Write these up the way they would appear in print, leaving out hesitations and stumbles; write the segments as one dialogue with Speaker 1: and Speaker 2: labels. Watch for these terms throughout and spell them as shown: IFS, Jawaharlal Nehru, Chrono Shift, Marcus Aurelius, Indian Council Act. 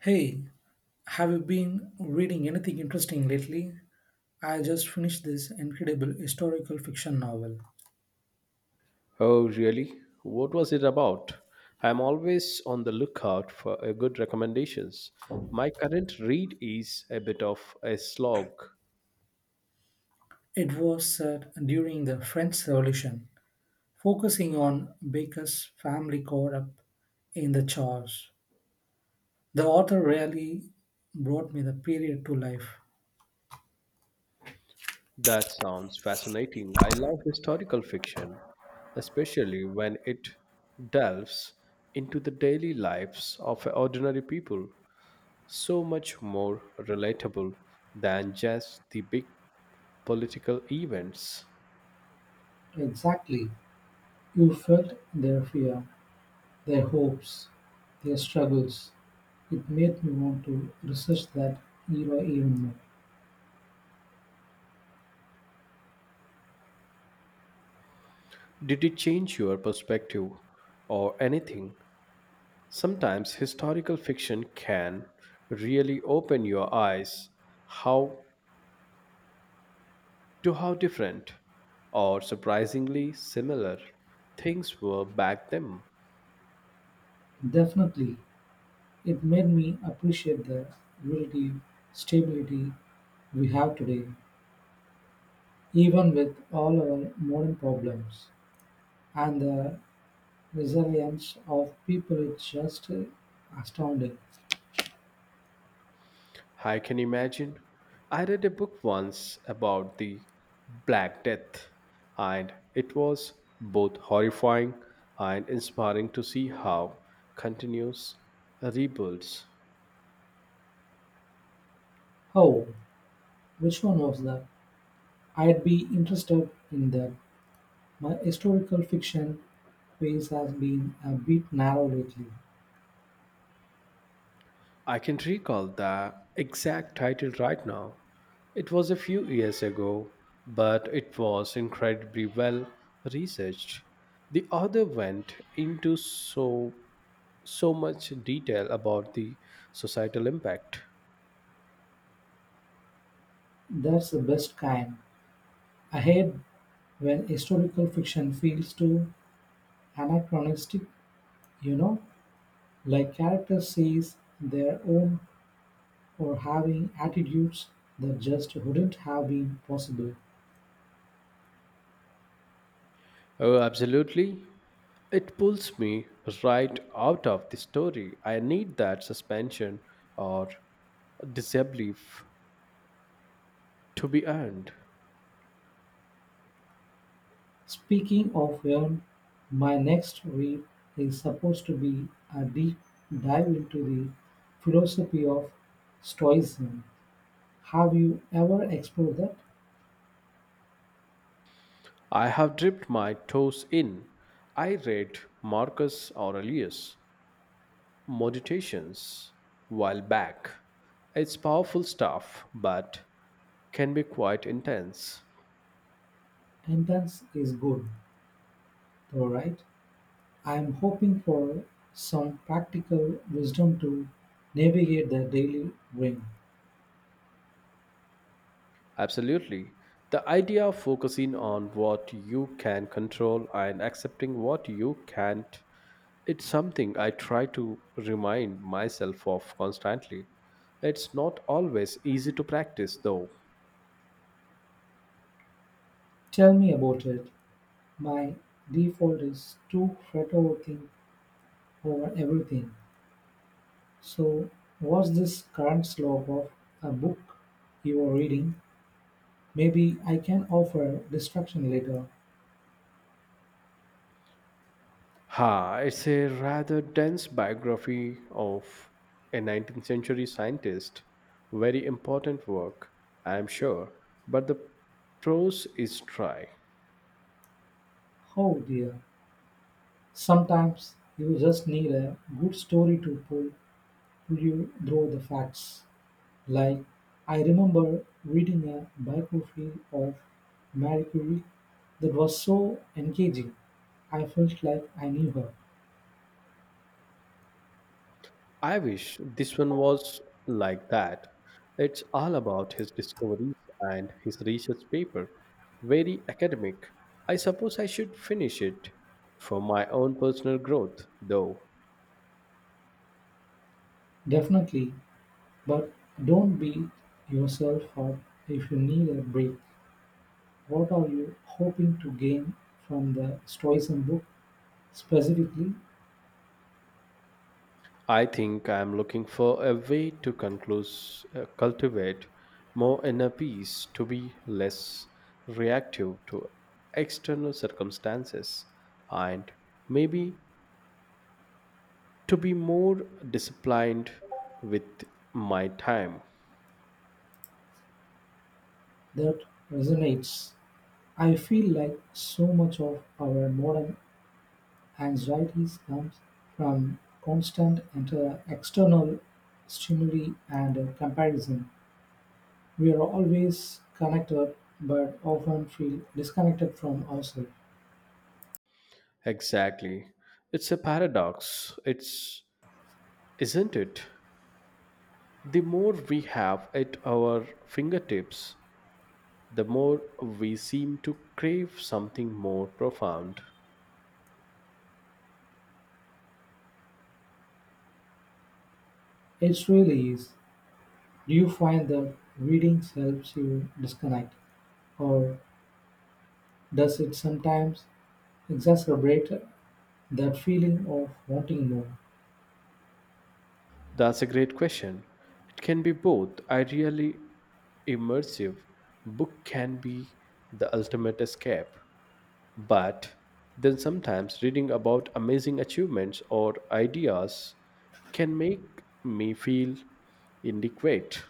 Speaker 1: Hey, have you been reading anything interesting lately? I just finished this incredible historical fiction novel.
Speaker 2: Oh, really? What was it about? I'm always on the lookout for good recommendations. My current read is a bit of a slog.
Speaker 1: It was set during the French Revolution, focusing on Baker's family caught up in the chores. The author really brought me the period to life.
Speaker 2: That sounds fascinating. I love historical fiction, especially when it delves into the daily lives of ordinary people. So much more relatable than just the big political events.
Speaker 1: Exactly. You felt their fear, their hopes, their struggles. It made me want to research that era even
Speaker 2: Did it change your perspective or anything? Sometimes historical fiction can really open your eyes how to how different or surprisingly similar things were back then.
Speaker 1: more. Definitely. It made me appreciate the relative stability we have today, even with all our modern problems, and the resilience of people is just astounding.
Speaker 2: I can imagine. I read a book once about the Black Death, and it was both horrifying and inspiring to see how continuous rebuilds.
Speaker 1: Oh, which one was that? I'd be interested in that. My historical fiction pace has been a bit narrow lately.
Speaker 2: I can recall the exact title right now. It was a few years ago, but it was incredibly well researched. The author went into so much detail about the societal impact.
Speaker 1: That's the best kind. I hate when historical fiction feels too anachronistic, you know? Like characters sees their own or having attitudes that just wouldn't have been possible.
Speaker 2: Oh, absolutely. It pulls me right out of the story. I need that suspension or disbelief to be earned.
Speaker 1: Speaking of Verne, my next read is supposed to be a deep dive into the philosophy of Stoicism. Have you ever explored that?
Speaker 2: I have dipped my toes in. I read Marcus Aurelius meditations while back. It's powerful stuff, but can be quite intense.
Speaker 1: Intense is good, though, right? I am hoping for some practical wisdom to navigate the daily ring.
Speaker 2: Absolutely. The idea of focusing on what you can control and accepting what you can't, it's something I try to remind myself of constantly. It's not always easy to practice, though.
Speaker 1: Tell me about it. My default is to fretworking over everything, so what's this current slope of a book you're reading? Maybe I can offer distraction later.
Speaker 2: Ha, it's a rather dense biography of a 19th century scientist. Very important work, I am sure, but the prose is dry.
Speaker 1: Oh dear. Sometimes you just need a good story to pull you through the facts. Like, I remember reading a biography of Marie Curie that was so engaging. I felt like I knew her.
Speaker 2: I wish this one was like that. It's all about his discoveries and his research paper. Very academic. I suppose I should finish it for my own personal growth, though.
Speaker 1: Definitely. But don't beat yourself up if you need a break. What are you hoping to gain from the Stoicism book specifically
Speaker 2: I think I am looking for a way to cultivate more inner peace, to be less reactive to external circumstances, and maybe to be more disciplined with my time.
Speaker 1: that resonates? I feel like so much of our modern anxieties comes from constant external stimuli and comparison. We are always connected but often feel disconnected from ourselves.
Speaker 2: Exactly. It's a paradox. It's Isn't it? The more we have at our fingertips, the more we seem to crave something more profound.
Speaker 1: It really is. Do you find that reading helps you disconnect, or does it sometimes exacerbate that feeling of wanting more?
Speaker 2: That's a great question. It can be both. Ideally, immersive book can be the ultimate escape, but then sometimes reading about amazing achievements or ideas can make me feel inadequate.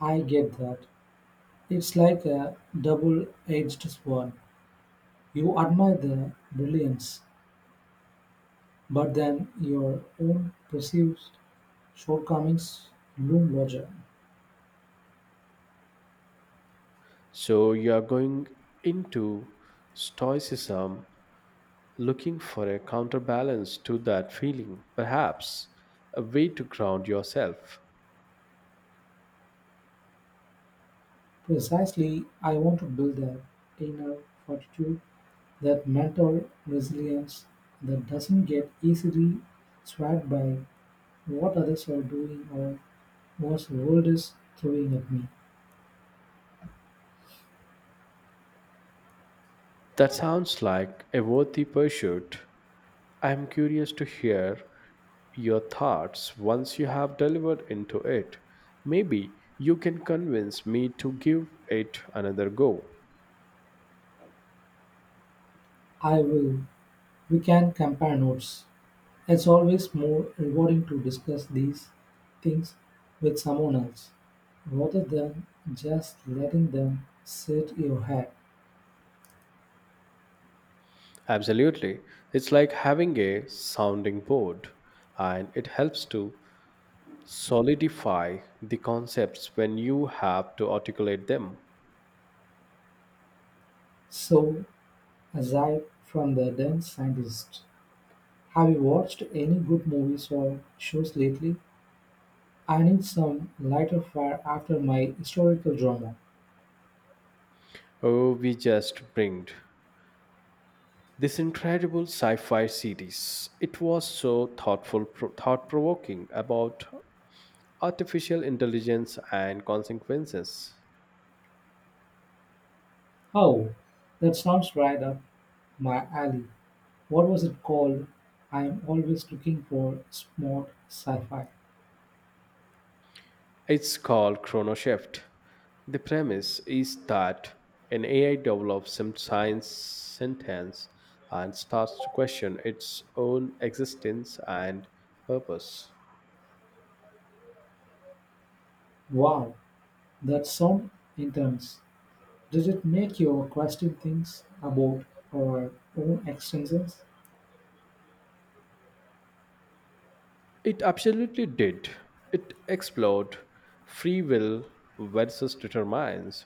Speaker 1: I get that. It's like a double edged sword. You admire the brilliance, but then your own perceived shortcomings loom larger.
Speaker 2: So you are going into stoicism looking for a counterbalance to that feeling, perhaps a way to ground yourself.
Speaker 1: Precisely, I want to build that inner fortitude, that mental resilience that doesn't get easily swamped by what others are doing or what the world is throwing at me.
Speaker 2: That sounds like a worthy pursuit. I am curious to hear your thoughts once you have delivered into it. Maybe you can convince me to give it another go.
Speaker 1: I will. We can compare notes. It's always more rewarding to discuss these things with someone else rather than just letting them sit in your head.
Speaker 2: Absolutely. It's like having a sounding board, and it helps to solidify the concepts when you have to articulate them.
Speaker 1: So, aside from the dense scientist, have you watched any good movies or shows lately? I need some lighter fare after my historical drama.
Speaker 2: Oh, we just bringed this incredible sci-fi series. It was so thoughtful, thought-provoking about artificial intelligence and consequences.
Speaker 1: Oh, that sounds right up my alley. What was it called? I'm always looking for smart sci-fi.
Speaker 2: It's called Chrono Shift. The premise is that an AI develops some science sentence and starts to question its own existence and purpose.
Speaker 1: Wow, that sound intense. Did it make you question things about our own existence?
Speaker 2: It absolutely did. It explored free will versus determines.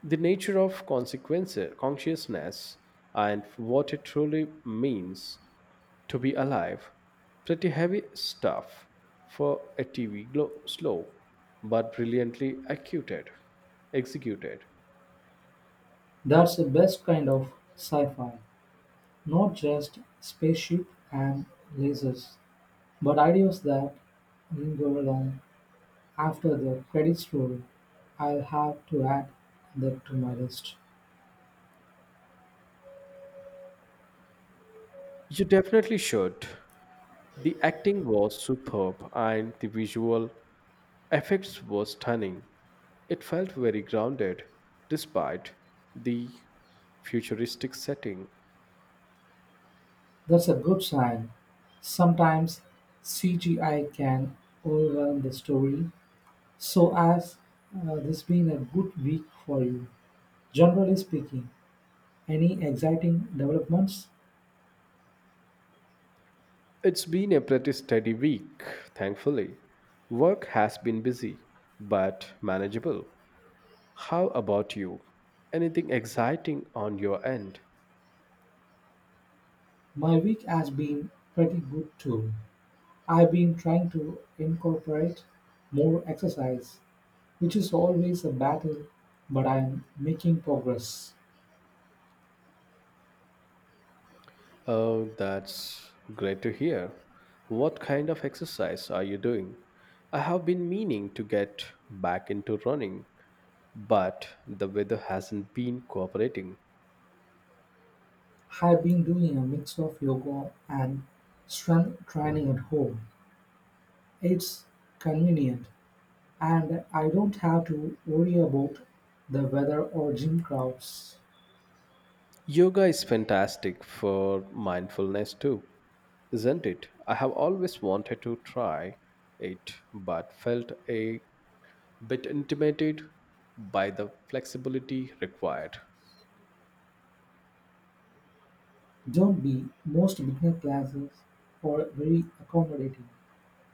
Speaker 2: The nature of consciousness and what it truly means to be alive. Pretty heavy stuff for a TV glow, slow, but brilliantly executed.
Speaker 1: That's the best kind of sci-fi. Not just spaceship and lasers, but ideas that linger long after the credits roll. I'll have to add that to my list.
Speaker 2: You definitely should. The acting was superb and the visual effects were stunning. It felt very grounded despite the futuristic setting.
Speaker 1: That's a good sign. Sometimes CGI can overwhelm the story. So, has this been a good week for you? Generally speaking, any exciting developments?
Speaker 2: It's been a pretty steady week, thankfully. Work has been busy, but manageable. How about you? Anything exciting on your end?
Speaker 1: My week has been pretty good too. I've been trying to incorporate more exercise, which is always a battle, but I'm making progress.
Speaker 2: Oh, that's great to hear. What kind of exercise are you doing? I have been meaning to get back into running, but the weather hasn't been cooperating.
Speaker 1: I've been doing a mix of yoga and strength training at home. It's convenient, and I don't have to worry about the weather or gym crowds.
Speaker 2: Yoga is fantastic for mindfulness too, isn't it? I have always wanted to try it but felt a bit intimidated by the flexibility required.
Speaker 1: Don't be, most beginner classes are very accommodating,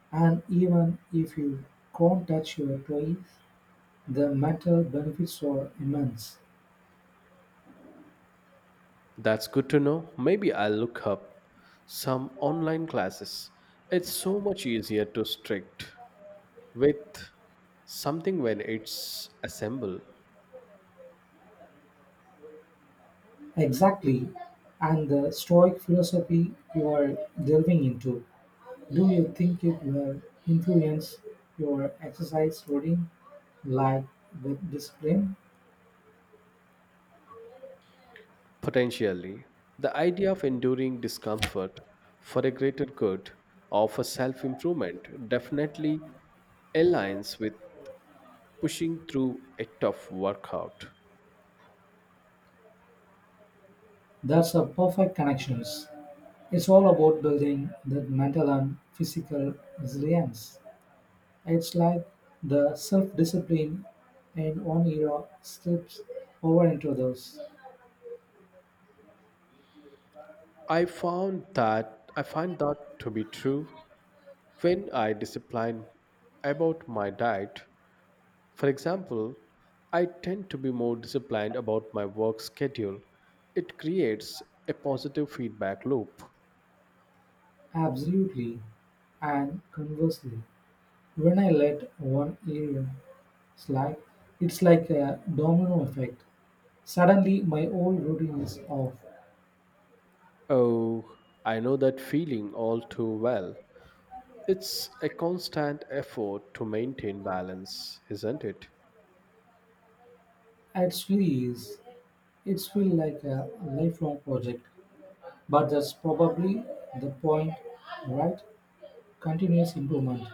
Speaker 1: and even if you can't touch your toes, the mental benefits are immense.
Speaker 2: That's good to know. Maybe I'll look up some online classes. It's so much easier to strict with something when it's assembled.
Speaker 1: Exactly, and the Stoic philosophy you are delving into. Do you think it will influence your exercise routine, like with discipline?
Speaker 2: Potentially, the idea of enduring discomfort for a greater good or for self improvement definitely aligns with pushing through a tough workout.
Speaker 1: That's a perfect connections. It's all about building that mental and physical resilience. It's like the self-discipline in one era slips over into those.
Speaker 2: I find that to be true when I discipline about my diet. For example, I tend to be more disciplined about my work schedule. It creates a positive feedback loop.
Speaker 1: Absolutely. And conversely, when I let one area slide, it's like a domino effect. Suddenly, my old routine is off.
Speaker 2: Oh, I know that feeling all too well. It's a constant effort to maintain balance, isn't it?
Speaker 1: It really is. It's feel like a lifelong project. But that's probably the point, right? Continuous improvement.